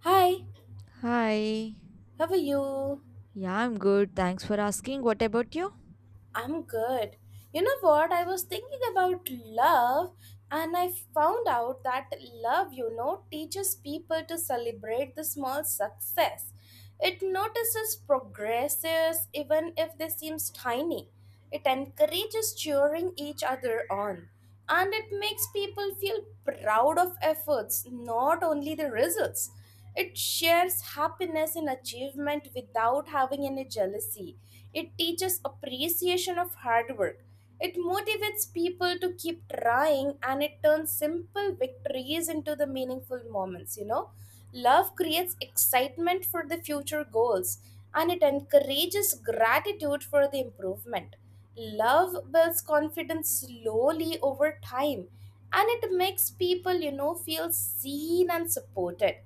Hi, Hi. how are you? Yeah, I'm good. Thanks for asking. What about you? I'm good. You know what? I was thinking about love and I found out that love teaches people to celebrate the small success. It notices progresses even if they seem tiny. It encourages cheering each other on. And it makes people feel proud of efforts, not only the results. It shares happiness and achievement without having any jealousy. It teaches appreciation of hard work. It motivates people to keep trying and it turns simple victories into the meaningful moments. Love creates excitement for the future goals and it encourages gratitude for the improvement. Love builds confidence slowly over time and it makes people feel seen and supported.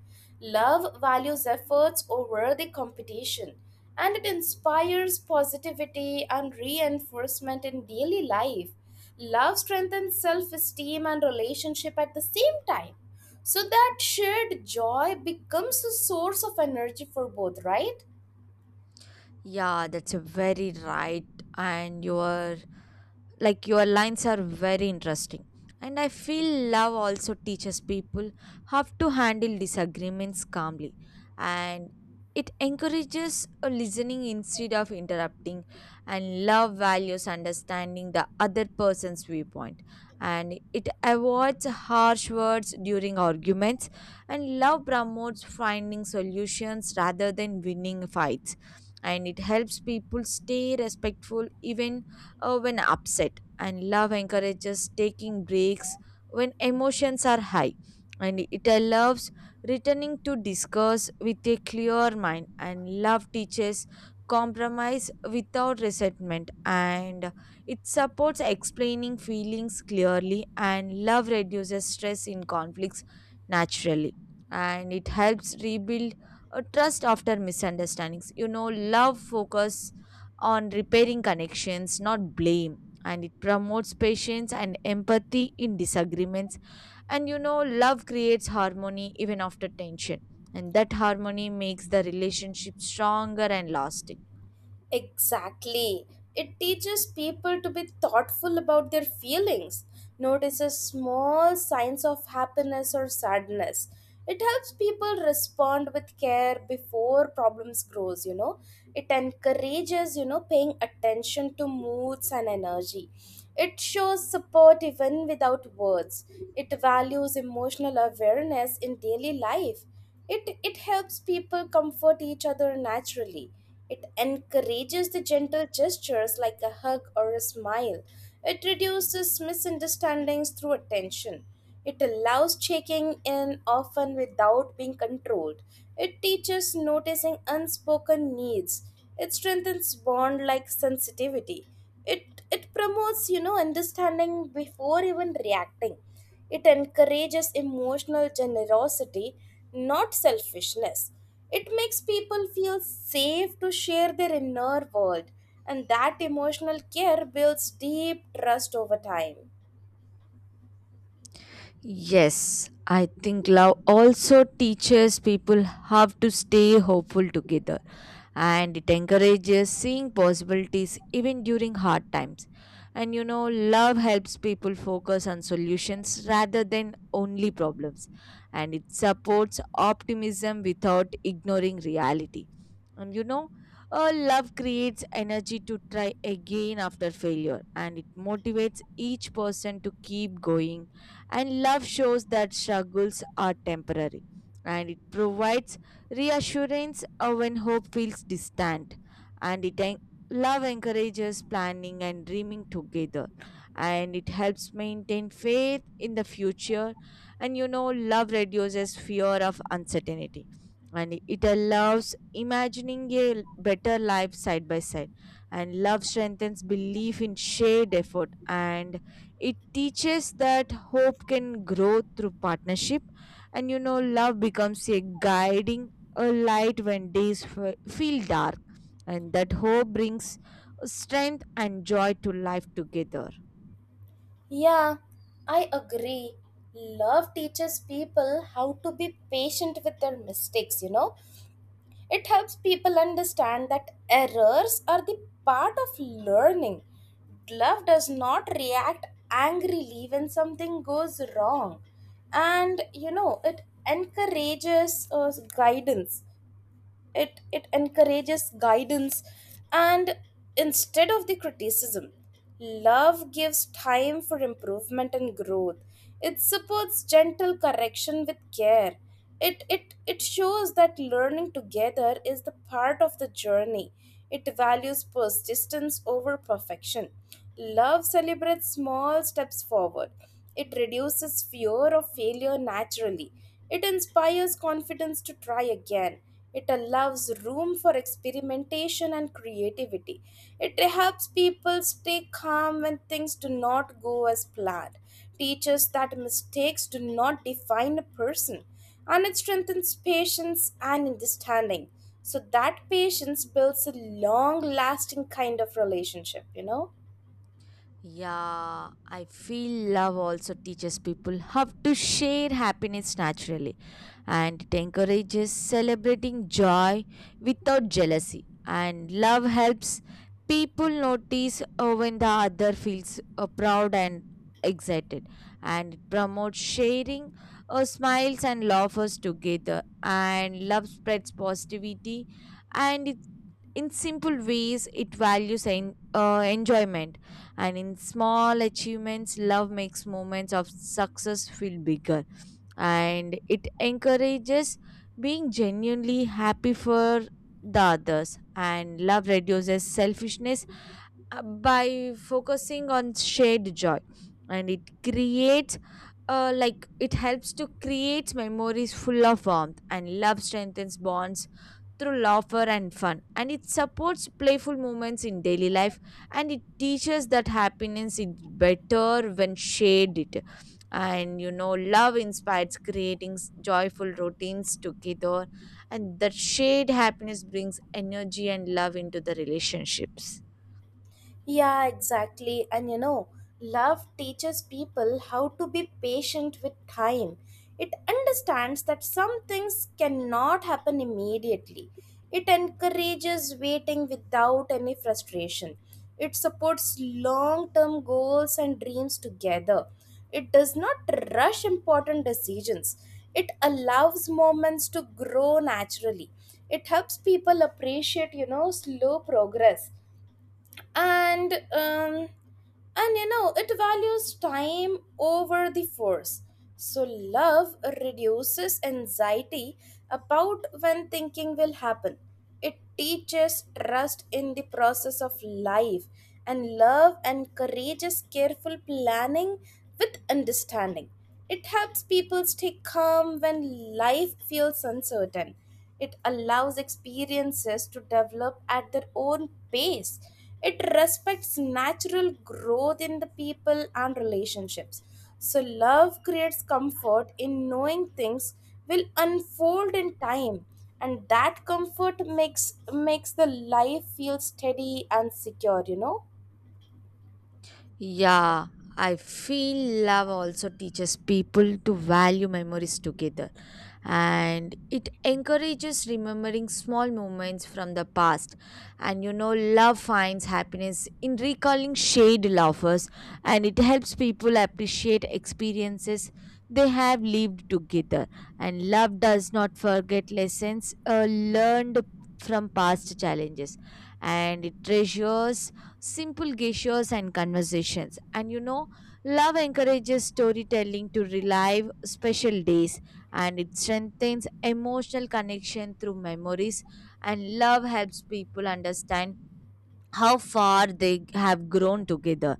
Love values efforts over the competition, and it inspires positivity and reinforcement in daily life. Love strengthens self esteem and relationship at the same time. So that shared joy becomes a source of energy for both, right? Yeah, that's a very right, and you are, like, your lines are very interesting, and I feel love also teaches people how to handle disagreements calmly, and it encourages a listening instead of interrupting, and love values understanding the other person's viewpoint, and it avoids harsh words during arguments, and love promotes finding solutions rather than winning fights, and it helps people stay respectful even when upset, and love encourages taking breaks when emotions are high. And it loves returning to discuss with a clear mind, and love teaches compromise without resentment, and it supports explaining feelings clearly, and love reduces stress in conflicts naturally, and it helps rebuild a trust after misunderstandings. Love focus on repairing connections, not blame. And it promotes patience and empathy in disagreements. And love creates harmony even after tension. And that harmony makes the relationship stronger and lasting. Exactly. It teaches people to be thoughtful about their feelings, notices small signs of happiness or sadness. It helps people respond with care before problems grows. It encourages paying attention to moods and energy. It shows support even without words. It values emotional awareness in daily life. It helps people comfort each other naturally. It encourages the gentle gestures like a hug or a smile. It reduces misunderstandings through attention. It allows checking in often without being controlled. It teaches noticing unspoken needs. It strengthens bond like sensitivity. It promotes understanding before even reacting. It encourages emotional generosity, not selfishness. It makes people feel safe to share their inner world, and that emotional care builds deep trust over time. Yes, I think love also teaches people how to stay hopeful together, and it encourages seeing possibilities even during hard times. And love helps people focus on solutions rather than only problems, and it supports optimism without ignoring reality. And love creates energy to try again after failure, and it motivates each person to keep going, and love shows that struggles are temporary, and it provides reassurance when hope feels distant. And love encourages planning and dreaming together, and it helps maintain faith in the future. And love reduces fear of uncertainty, and it allows imagining a better life side by side, and love strengthens belief in shared effort, and it teaches that hope can grow through partnership, and love becomes a guiding a light when days feel dark, and that hope brings strength and joy to life together. Yeah, I agree. Love teaches people how to be patient with their mistakes. It helps people understand that errors are the part of learning. Love does not react angrily when something goes wrong. And it encourages guidance and instead of the criticism love gives time for improvement and growth. It supports gentle correction with care. It shows that learning together is the part of the journey. It values persistence over perfection. Love celebrates small steps forward. It reduces fear of failure naturally. It inspires confidence to try again. It allows room for experimentation and creativity. It helps people stay calm when things do not go as planned, teaches that mistakes do not define a person, and it strengthens patience and understanding. So, that patience builds a long lasting kind of relationship? Yeah, I feel love also teaches people how to share happiness naturally, and it encourages celebrating joy without jealousy. And love helps people notice when the other feels proud and excited, and it promotes sharing smiles and laughers together, and love spreads positivity, and it in simple ways it values enjoyment, and in small achievements love makes moments of success feel bigger, and it encourages being genuinely happy for the others, and love reduces selfishness by focusing on shared joy, and it creates like it helps to create memories full of warmth, and love strengthens bonds through laughter and fun. And it supports playful moments in daily life, and it teaches that happiness is better when shared it. And love inspires creating joyful routines together, and that shared happiness brings energy and love into the relationships. Yeah, exactly. And love teaches people how to be patient with time. It understands that some things cannot happen immediately. It encourages waiting without any frustration. It supports long term goals and dreams together. It does not rush important decisions. It allows moments to grow naturally. It helps people appreciate slow progress and um, and it values time over the force. So love reduces anxiety about when thinking will happen. It teaches trust in the process of life and love encourages careful planning with understanding. It helps people stay calm when life feels uncertain. It allows experiences to develop at their own pace. It respects natural growth in the people and relationships. So, love creates comfort in knowing things will unfold in time, and that comfort makes makes the life feel steady and secure. Yeah, I feel love also teaches people to value memories together, and it encourages remembering small moments from the past, and love finds happiness in recalling shared laughers, and it helps people appreciate experiences they have lived together, and love does not forget lessons learned from past challenges, and it treasures simple gestures and conversations, and love encourages storytelling to relive special days, and it strengthens emotional connection through memories, and love helps people understand how far they have grown together,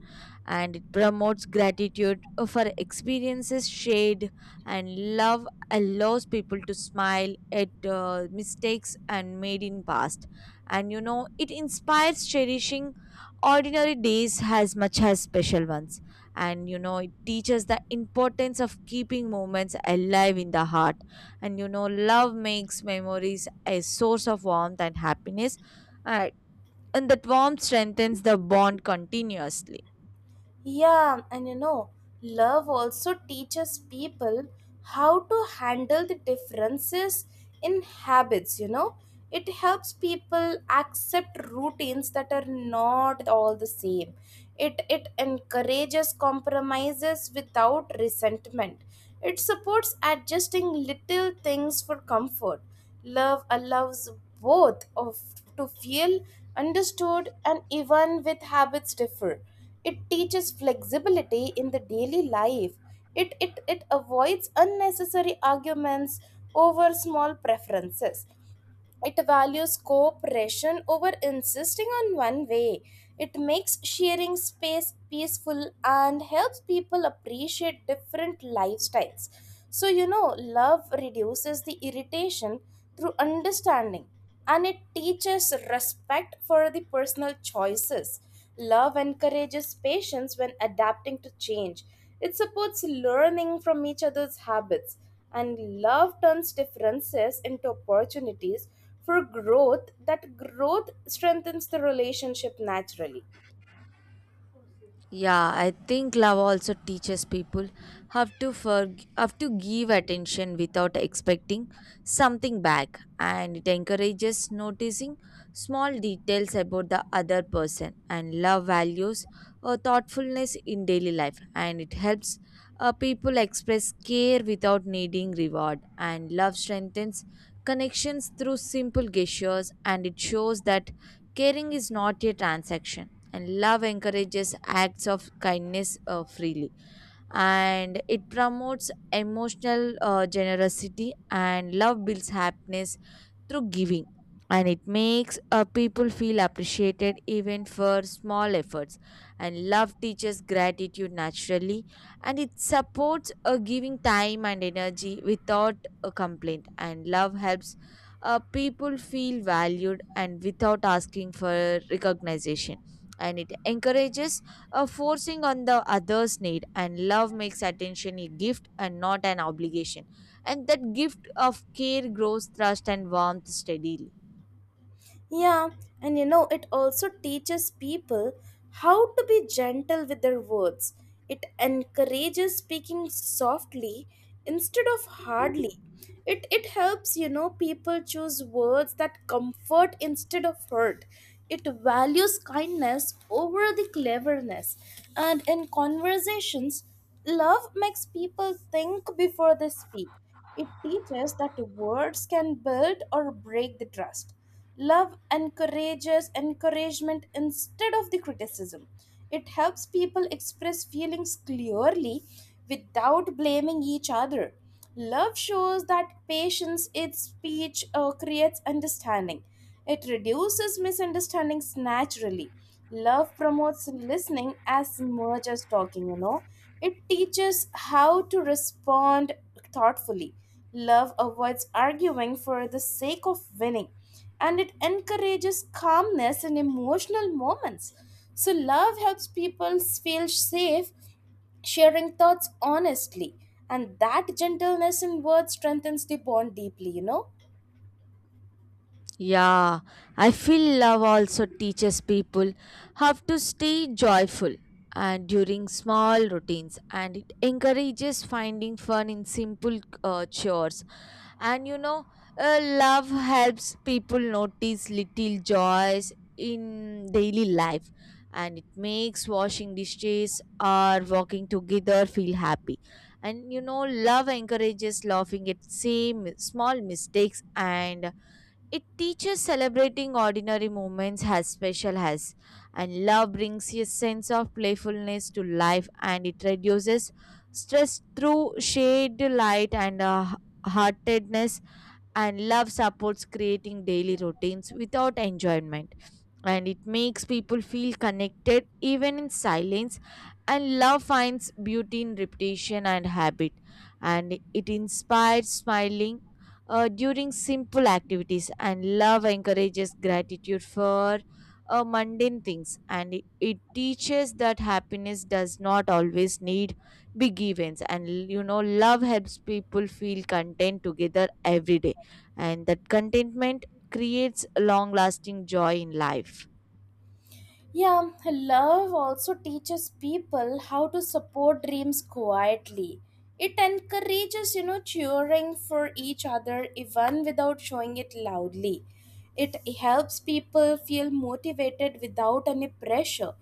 and it promotes gratitude for experiences shared, and love allows people to smile at mistakes and made in past, and it inspires cherishing ordinary days as much as special ones, and it teaches the importance of keeping moments alive in the heart, and love makes memories a source of warmth and happiness uh, and that warmth strengthens the bond continuously. Yeah, and love also teaches people how to handle the differences in habits. It helps people accept routines that are not all the same. It encourages compromises without resentment. It supports adjusting little things for comfort. Love allows both of to feel understood and even with habits differ. It teaches flexibility in the daily life. It avoids unnecessary arguments over small preferences. It values cooperation over insisting on one way. It makes sharing space peaceful and helps people appreciate different lifestyles. So, love reduces the irritation through understanding and it teaches respect for the personal choices. Love encourages patience when adapting to change. It supports learning from each other's habits. And love turns differences into opportunities for growth. That growth strengthens the relationship naturally. Yeah, I think love also teaches people have to have to give attention without expecting something back, and it encourages noticing small details about the other person. And love values or thoughtfulness in daily life, and it helps people express care without needing reward. And love strengthens connections through simple gestures, and it shows that caring is not a transaction, and love encourages acts of kindness freely, and it promotes emotional generosity, and love builds happiness through giving, and it makes people feel appreciated even for small efforts, and love teaches gratitude naturally, and it supports giving time and energy without a complaint, and love helps people feel valued and without asking for recognition, and it encourages forcing on the other's need, and love makes attention a gift and not an obligation, and that gift of care grows trust and warmth steadily. Yeah, and it also teaches people how to be gentle with their words. It encourages speaking softly instead of hardly. It helps people choose words that comfort instead of hurt. It values kindness over the cleverness. And in conversations, love makes people think before they speak. It teaches that words can build or break the trust. Love encourages encouragement instead of the criticism. It helps people express feelings clearly without blaming each other. Love shows that patience in speech creates understanding. It reduces misunderstandings naturally. Love promotes listening as much as talking. It teaches how to respond thoughtfully. Love avoids arguing for the sake of winning, and it encourages calmness in emotional moments. So, love helps people feel safe sharing thoughts honestly and that gentleness in words strengthens the bond deeply. Yeah, I feel love also teaches people how to stay joyful and during small routines, and it encourages finding fun in simple chores, and love helps people notice little joys in daily life, and it makes washing dishes or walking together feel happy, and love encourages laughing at same small mistakes, and it teaches celebrating ordinary moments as special as, and love brings a sense of playfulness to life, and it reduces stress through shade light and heartedness, and love supports creating daily routines without enjoyment, and it makes people feel connected even in silence, and love finds beauty in repetition and habit, and it inspires smiling during simple activities, and love encourages gratitude for mundane things, and it teaches that happiness does not always need big events, and love helps people feel content together every day, and that contentment creates long lasting joy in life. Yeah, love also teaches people how to support dreams quietly. It encourages cheering for each other even without showing it loudly. It helps people feel motivated without any pressure.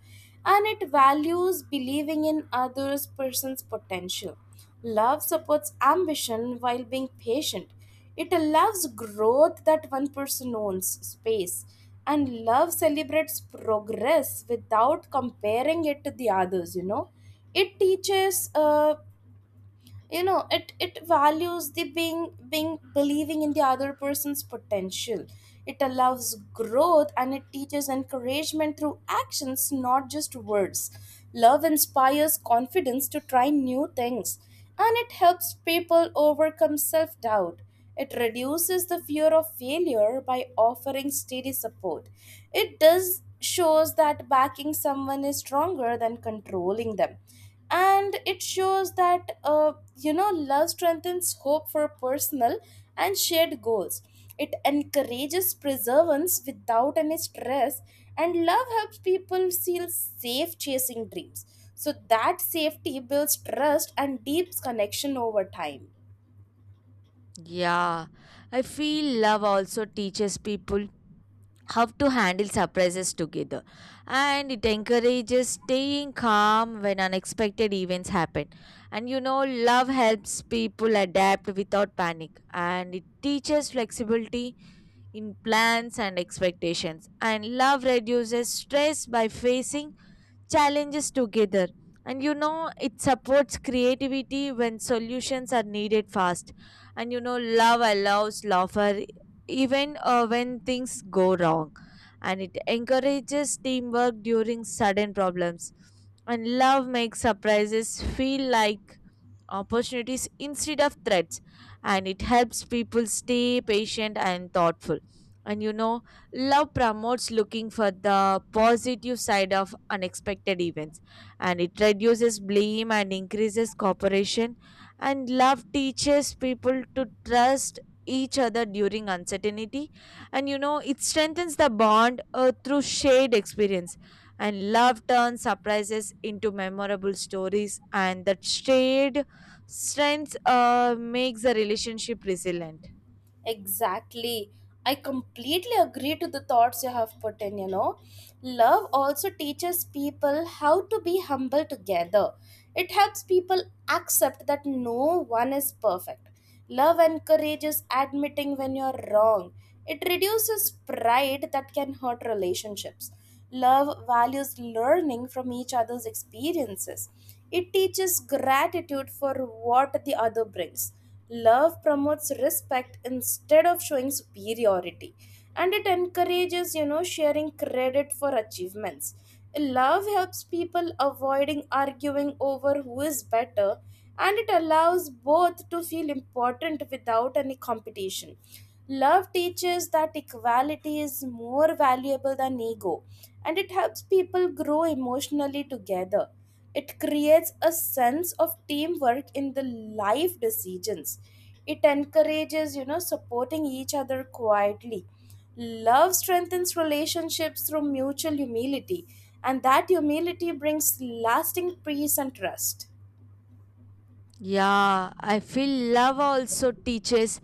And it values believing in others' person's potential. Love supports ambition while being patient. It allows growth that one person owns space, and love celebrates progress without comparing it to the others. You know, it teaches. It values the being believing in the other person's potential. It allows growth and it teaches encouragement through actions, not just words. Love inspires confidence to try new things, and it helps people overcome self doubt. It reduces the fear of failure by offering steady support. It does shows that backing someone is stronger than controlling them. And it shows that love strengthens hope for personal and shared goals. It encourages perseverance without any stress, and love helps people feel safe chasing dreams. So that safety builds trust and deeps connection over time. Yeah, I feel love also teaches people how to handle surprises together, and it encourages staying calm when unexpected events happen. And love helps people adapt without panic, and it teaches flexibility in plans and expectations. And love reduces stress by facing challenges together. And it supports creativity when solutions are needed fast. And love allows laughter even when things go wrong. And it encourages teamwork during sudden problems. And love makes surprises feel like opportunities instead of threats, and it helps people stay patient and thoughtful, and love promotes looking for the positive side of unexpected events, and it reduces blame and increases cooperation, and love teaches people to trust each other during uncertainty, and it strengthens the bond through shared experience, and love turns surprises into memorable stories, and that shared strengths makes a relationship resilient. Exactly. I completely agree to the thoughts you have put in. Love also teaches people how to be humble together. It helps people accept that no one is perfect. Love encourages admitting when you're wrong. It reduces pride that can hurt relationships. Love values learning from each other's experiences. It teaches gratitude for what the other brings. Love promotes respect instead of showing superiority, and it encourages sharing credit for achievements. Love helps people avoiding arguing over who is better, and it allows both to feel important without any competition. Love teaches that equality is more valuable than ego, and it helps people grow emotionally together. It creates a sense of teamwork in the life decisions. It encourages supporting each other quietly. Love strengthens relationships through mutual humility, and that humility brings lasting peace and trust. Yeah, I feel love also teaches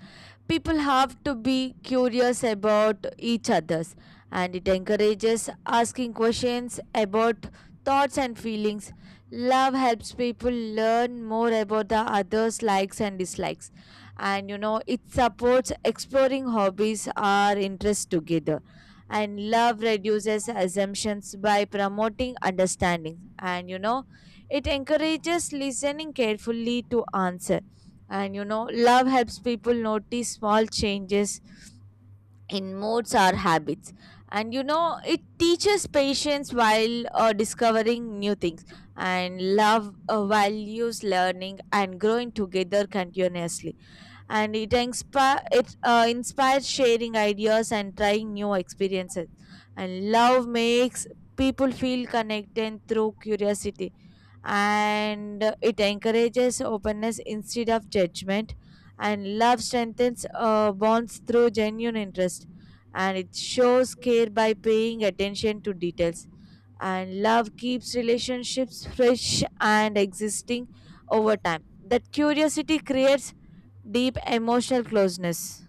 people have to be curious about each others, and it encourages asking questions about thoughts and feelings. Love helps people learn more about the others' likes and dislikes. And it supports exploring hobbies or interests together. And love reduces assumptions by promoting understanding. And it encourages listening carefully to answer. And love helps people notice small changes in moods or habits. And it teaches patience while discovering new things. And love values learning and growing together continuously. And it inspires sharing ideas and trying new experiences. And love makes people feel connected through curiosity, and it encourages openness instead of judgment, and love strengthens bonds through genuine interest, and it shows care by paying attention to details, and love keeps relationships fresh and existing over time, that curiosity creates deep emotional closeness.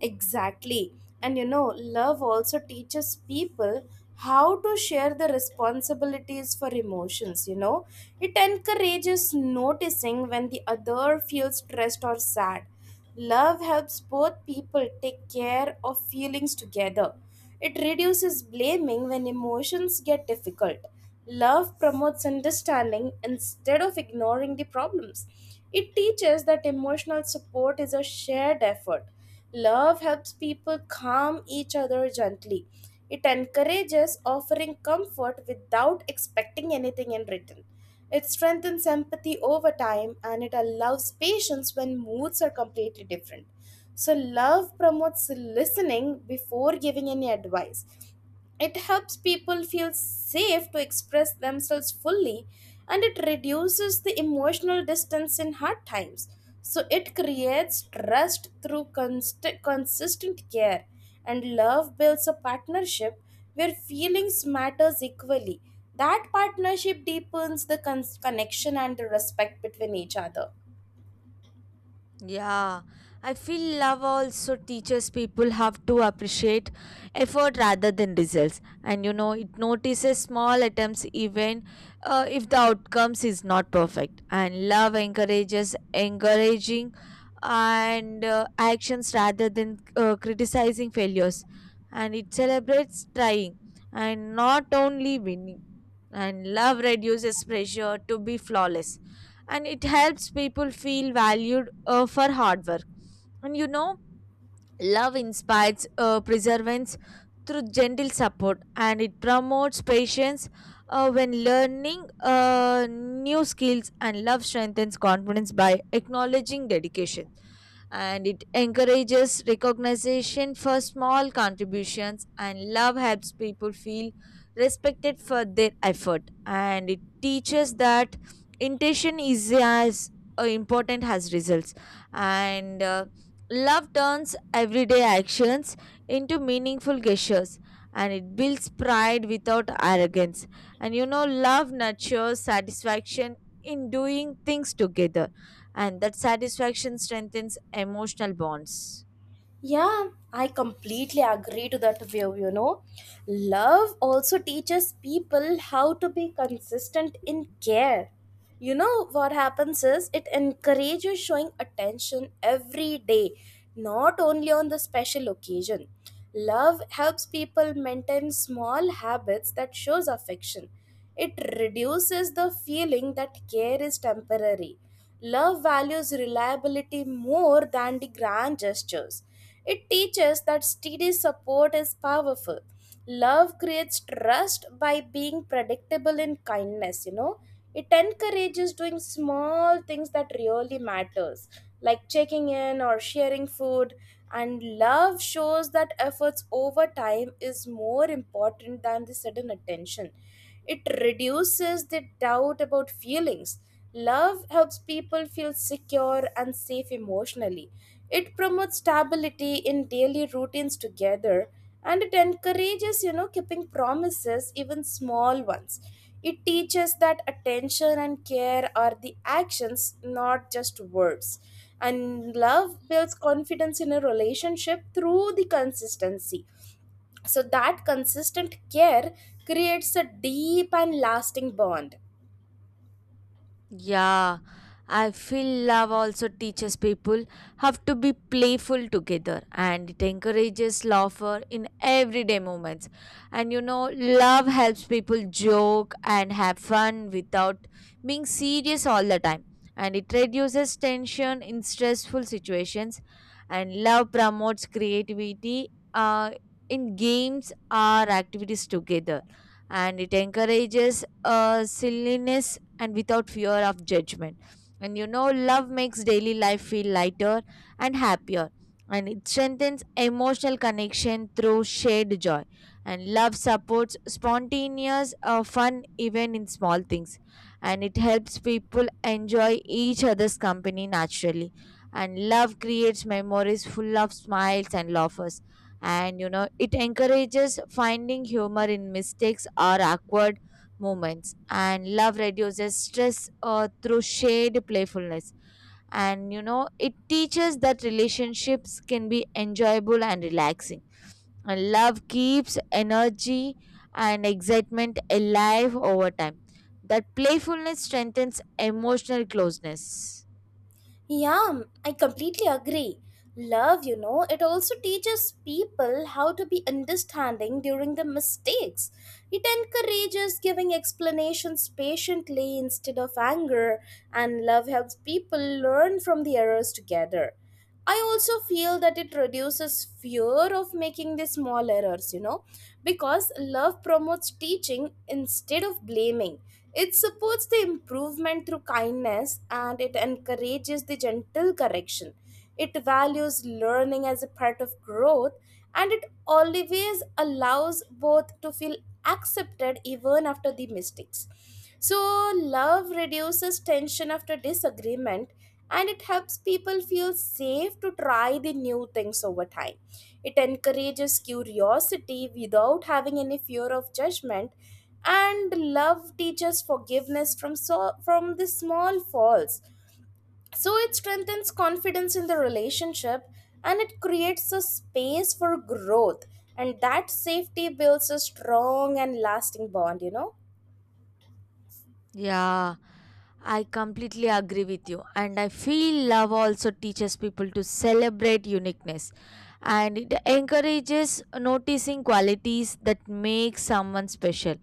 Exactly. And love also teaches people how to share the responsibilities for emotions. It encourages noticing when the other feels stressed or sad. Love helps both people take care of feelings together. It reduces blaming when emotions get difficult. Love promotes understanding instead of ignoring the problems. It teaches that emotional support is a shared effort. Love helps people calm each other gently. It encourages offering comfort without expecting anything in return. It strengthens empathy over time and it allows patience when moods are completely different. So, love promotes listening before giving any advice. It helps people feel safe to express themselves fully and it reduces the emotional distance in hard times. So it creates trust through consistent care and love builds a partnership where feelings matters equally. That partnership deepens the connection and the respect between each other. Yeah, I feel love also teaches people have to appreciate effort rather than results. And it notices small attempts even if the outcomes is not perfect. And love encourages encouraging and actions rather than criticizing failures. And it celebrates trying and not only winning. And love reduces pressure to be flawless. And it helps people feel valued for hard work. And Love inspires perseverance through gentle support, and it promotes patience when learning new skills, and love strengthens confidence by acknowledging dedication. And it encourages recognition for small contributions, and love helps people feel respected for their effort. And it teaches that intention is as important as results. And Love turns everyday actions into meaningful gestures, and it builds pride without arrogance. And love nurtures satisfaction in doing things together, and that satisfaction strengthens emotional bonds. Yeah, I completely agree to that view. Love also teaches people how to be consistent in care. You know what happens is it encourages showing attention every day, not only on the special occasion. Love helps people maintain small habits that shows affection. It reduces the feeling that care is temporary. Love values reliability more than the grand gestures. It teaches that steady support is powerful. Love creates trust by being predictable in kindness. It encourages doing small things that really matters, like checking in or sharing food. And love shows that efforts over time is more important than the sudden attention. It reduces the doubt about feelings. Love helps people feel secure and safe emotionally. It promotes stability in daily routines together and it encourages keeping promises, even small ones. It teaches that attention and care are the actions, not just words. And love builds confidence in a relationship through the consistency so that consistent care creates a deep and lasting bond. Yeah, I feel love also teaches people have to be playful together, and it encourages laughter in everyday moments. And love helps people joke and have fun without being serious all the time. And it reduces tension in stressful situations. And love promotes creativity uh, in games or activities together. And it encourages silliness and without fear of judgment. And love makes daily life feel lighter and happier. And it strengthens emotional connection through shared joy. And love supports spontaneous fun even in small things. And it helps people enjoy each other's company naturally. And love creates memories full of smiles and laughs. And you know, it encourages finding humor in mistakes or awkward moments. And love reduces stress through shared playfulness. And you know, it teaches that relationships can be enjoyable and relaxing. And love keeps energy and excitement alive over time. That playfulness strengthens emotional closeness. Yeah, I completely agree. Love, it also teaches people how to be understanding during the mistakes. It encourages giving explanations patiently instead of anger, and love helps people learn from the errors together. I also feel that it reduces fear of making the small errors, you know, because love promotes teaching instead of blaming. It supports the improvement through kindness, and it encourages the gentle correction. It values learning as a part of growth, and it always allows both to feel accepted even after the mistakes. So, love reduces tension after disagreement, and it helps people feel safe to try the new things over time. It encourages curiosity without having any fear of judgment, and love teaches forgiveness from from the small faults. So it strengthens confidence in the relationship, and it creates a space for growth. And that safety builds a strong and lasting bond, you know? Yeah, I completely agree with you. And I feel love also teaches people to celebrate uniqueness, and it encourages noticing qualities that make someone special.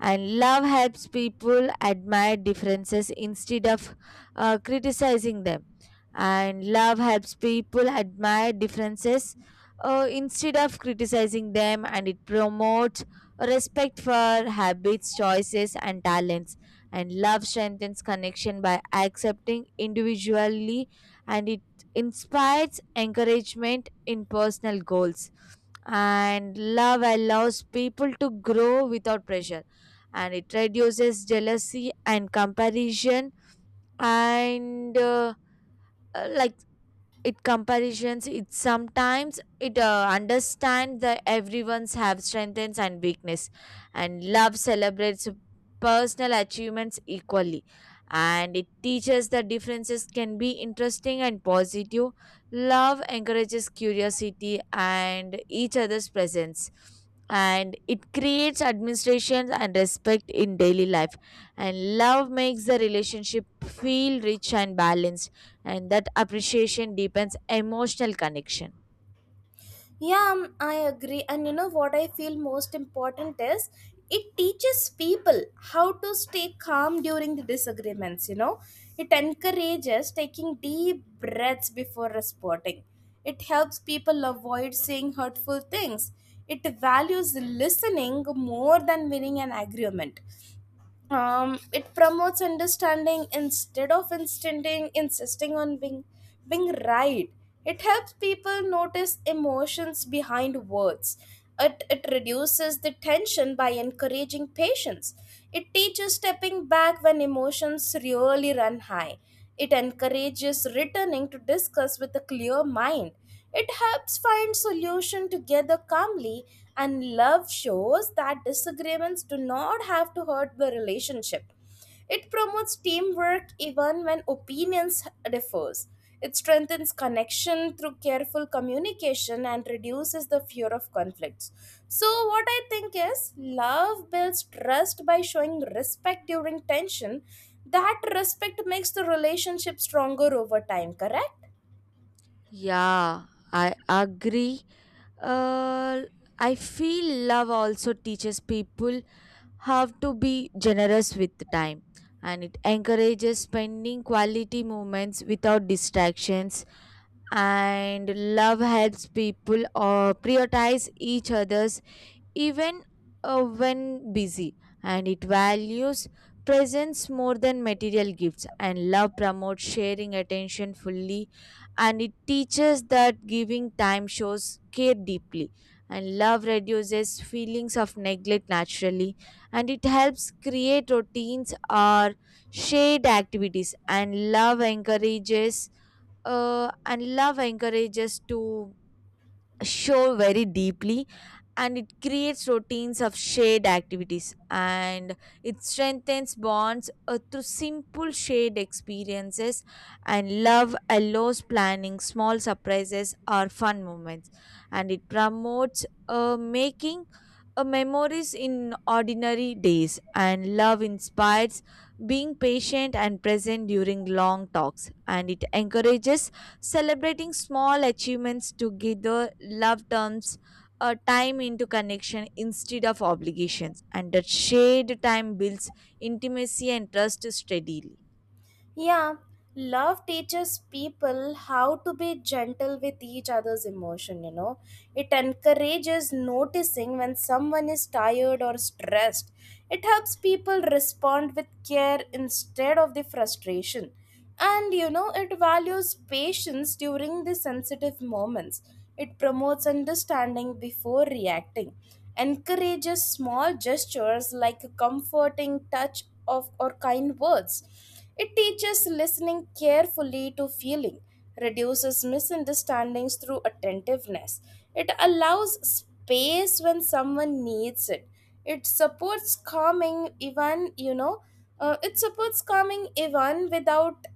And love helps people admire differences instead of criticizing them. And love helps people admire differences instead of criticizing them, and it promotes respect for habits, choices, and talents. And love strengthens connection by accepting individually, and it inspires encouragement in personal goals. And love allows people to grow without pressure, and it reduces jealousy and comparison. And uh, like it comparisons, it sometimes it understands that everyone's have strengths and weakness. And love celebrates personal achievements equally, and it teaches that differences can be interesting and positive. Love encourages curiosity and each other's presence, and it creates administration and respect in daily life. And love makes the relationship feel rich and balanced, and that appreciation deepens emotional connection. Yeah, I agree. And you know what I feel most important is it teaches people how to stay calm during the disagreements, you know. It encourages taking deep breaths before responding. It helps people avoid saying hurtful things. It values listening more than winning an agreement. It promotes understanding instead of insisting on being right. It helps people notice emotions behind words. It reduces the tension by encouraging patience. It teaches stepping back when emotions really run high. It encourages returning to discuss with a clear mind. It helps find solution together calmly, and love shows that disagreements do not have to hurt the relationship. It promotes teamwork even when opinions differs. It strengthens connection through careful communication and reduces the fear of conflicts. So, what I think is love builds trust by showing respect during tension. That respect makes the relationship stronger over time, correct? Yeah, I agree. Uh, I feel love also teaches people how to be generous with time, and it encourages spending quality moments without distractions. And love helps people prioritize each other's, even when busy, and it values presence more than material gifts. And love promotes sharing attention fully, and it teaches that giving time shows care deeply. And love reduces feelings of neglect naturally, and it helps create routines or shared activities. And love encourages to show very deeply, and it creates routines of shared activities, and it strengthens bonds through simple shared experiences. And love allows planning small surprises or fun moments, and it promotes making a memories in ordinary days. And love inspires being patient and present during long talks, and it encourages celebrating small achievements together. Love turns a time into connection instead of obligations, and that shared time builds intimacy and trust steadily. Yeah, love teaches people how to be gentle with each other's emotion, you know. It encourages noticing when someone is tired or stressed. It helps people respond with care instead of the frustration. And you know, it values patience during the sensitive moments. It promotes understanding before reacting. Encourages small gestures like a comforting touch of or kind words, it teaches listening carefully to feeling, reduces misunderstandings through attentiveness. It allows space when someone needs it. It supports calming even, you know, it supports calming even without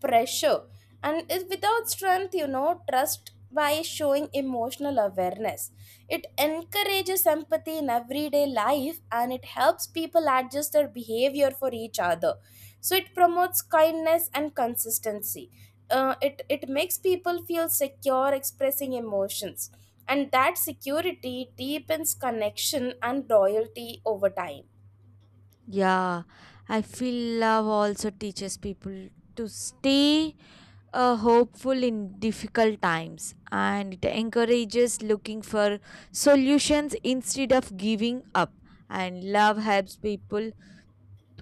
pressure, and it, without strength, you know, trust by showing emotional awareness. It encourages empathy in everyday life, and it helps people adjust their behavior for each other, so it promotes kindness and consistency. It makes people feel secure expressing emotions, and that security deepens connection and loyalty over time. Yeah, I feel love also teaches people to stay hopeful in difficult times, and it encourages looking for solutions instead of giving up. And love helps people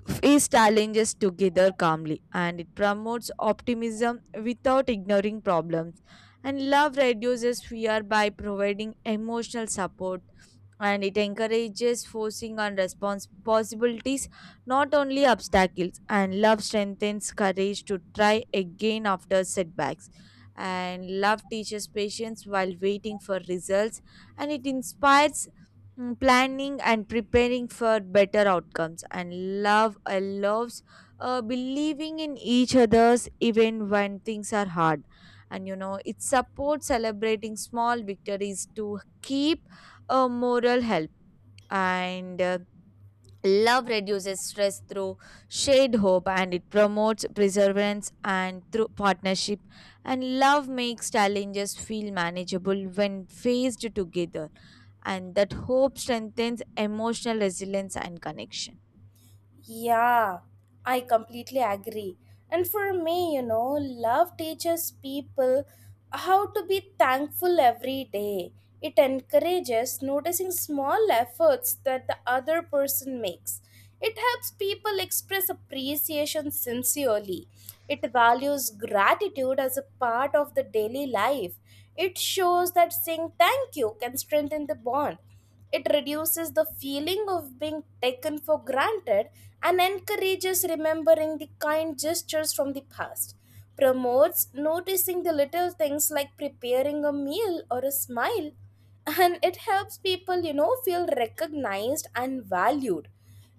face challenges together calmly, and it promotes optimism without ignoring problems. And love reduces fear by providing emotional support, and it encourages focusing on response possibilities, not only obstacles. And love strengthens courage to try again after setbacks. And love teaches patience while waiting for results, and it inspires planning and preparing for better outcomes. And love I loves believing in each other's even when things are hard, and you know, it supports celebrating small victories to keep a moral help. And love reduces stress through shared hope, and it promotes perseverance and through partnership. And love makes challenges feel manageable when faced together. And that hope strengthens emotional resilience and connection. Yeah, I completely agree. And for me, you know, love teaches people how to be thankful every day. It encourages noticing small efforts that the other person makes. It helps people express appreciation sincerely. It values gratitude as a part of the daily life. It shows that saying thank you can strengthen the bond. It reduces the feeling of being taken for granted and encourages remembering the kind gestures from the past. Promotes noticing the little things like preparing a meal or a smile. And it helps people, you know, feel recognized and valued.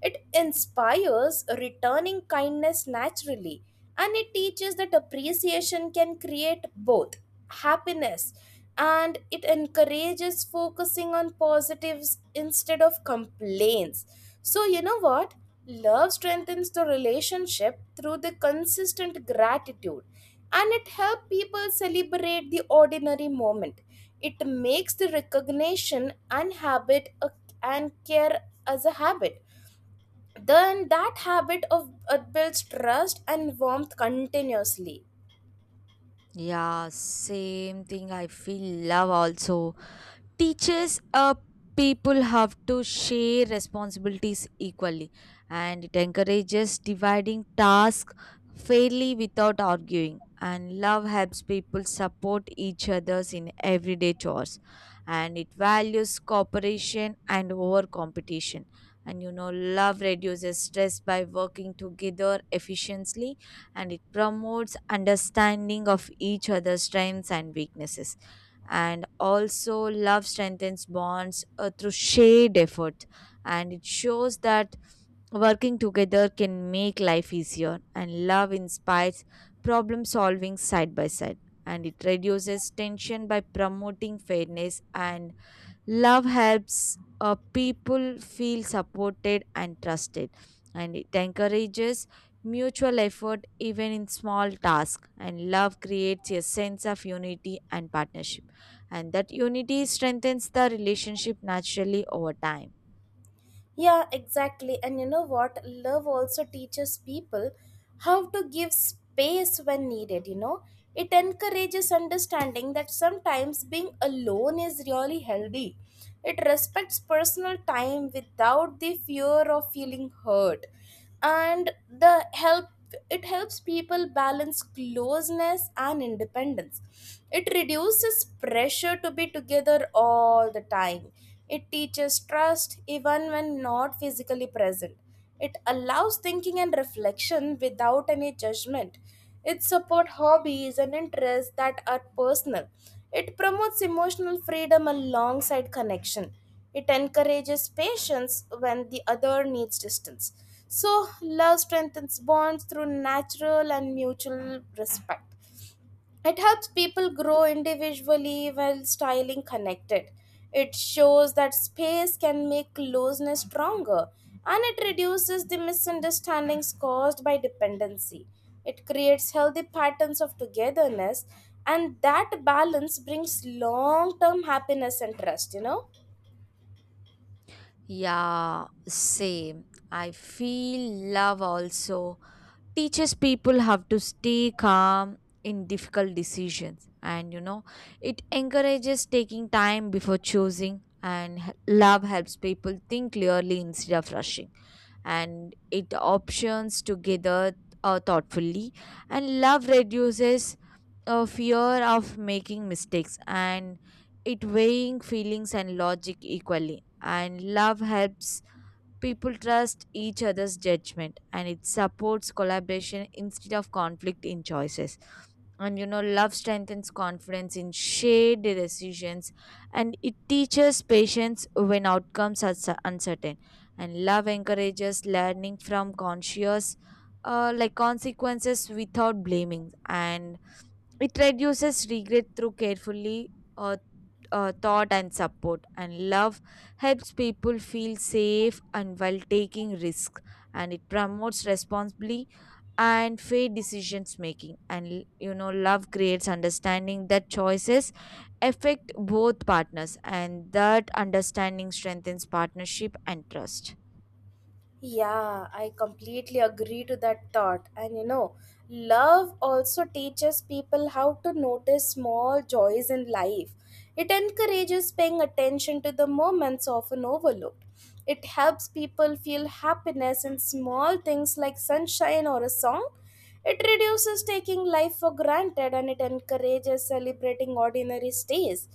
It inspires returning kindness naturally, and it teaches that appreciation can create both happiness, and it encourages focusing on positives instead of complaints. So, you know what? Love strengthens the relationship through the consistent gratitude, and it helps people celebrate the ordinary moment. It makes the recognition and habit a, and care as a habit, then that habit of builds trust and warmth continuously. Yeah, same thing. I feel love also teaches people have to share responsibilities equally, and it encourages dividing tasks fairly without arguing. And love helps people support each others in everyday chores, and it values cooperation and over competition. And you know, love reduces stress by working together efficiently, and it promotes understanding of each other's strengths and weaknesses. And also love strengthens bonds through shared effort, and it shows that working together can make life easier. And love inspires problem solving side by side, and it reduces tension by promoting fairness. And love helps people feel supported and trusted, and it encourages mutual effort even in small tasks. And love creates a sense of unity and partnership, and that unity strengthens the relationship naturally over time. Yeah, exactly. And you know what? Love also teaches people how to give space when needed, you know? It encourages understanding that sometimes being alone is really healthy. It respects personal time without the fear of feeling hurt. And the help it helps people balance closeness and independence. It reduces pressure to be together all the time. It teaches trust even when not physically present. It allows thinking and reflection without any judgment. It supports hobbies and interests that are personal. It promotes emotional freedom alongside connection. It encourages patience when the other needs distance. So, love strengthens bonds through natural and mutual respect. It helps people grow individually while styling connected. It shows that space can make closeness stronger, and it reduces the misunderstandings caused by dependency. It creates healthy patterns of togetherness, and that balance brings long term happiness and trust, you know. Yeah, same. I feel love also teaches people how to stay calm in difficult decisions. And you know, it encourages taking time before choosing. And love helps people think clearly instead of rushing. And it options together thoughtfully. And love reduces fear of making mistakes. And it weighing feelings and logic equally. And love helps people trust each other's judgment, and it supports collaboration instead of conflict in choices. And you know, love strengthens confidence in shared decisions, and it teaches patience when outcomes are uncertain. And love encourages learning from conscious, like consequences without blaming. And it reduces regret through carefully thought and support. And love helps people feel safe and while taking risks, and it promotes responsibly and fair decisions making. And you know, love creates understanding that choices affect both partners, and that understanding strengthens partnership and trust. Yeah, I completely agree to that thought. And you know, love also teaches people how to notice small joys in life. It encourages paying attention to the moments often overlooked. It helps people feel happiness in small things like sunshine or a song. It reduces taking life for granted, and it encourages celebrating ordinary stays.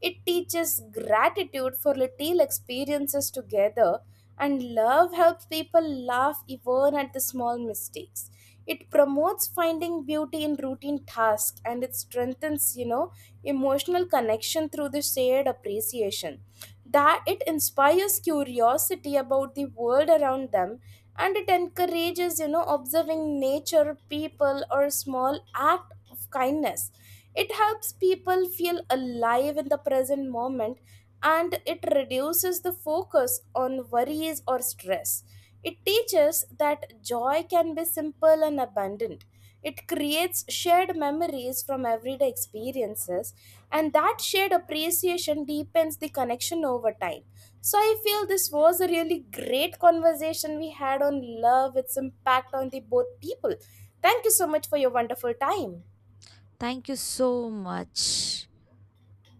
It teaches gratitude for little experiences together, and love helps people laugh even at the small mistakes. It promotes finding beauty in routine tasks, and it strengthens, you know, emotional connection through the shared appreciation. That it inspires curiosity about the world around them, and it encourages, you know, observing nature, people, or small act of kindness. It helps people feel alive in the present moment, and it reduces the focus on worries or stress. It teaches that joy can be simple and abundant. It creates shared memories from everyday experiences, and that shared appreciation deepens the connection over time. So, I feel this was a really great conversation we had on love, its impact on the both people. Thank you so much for your wonderful time. Thank you so much.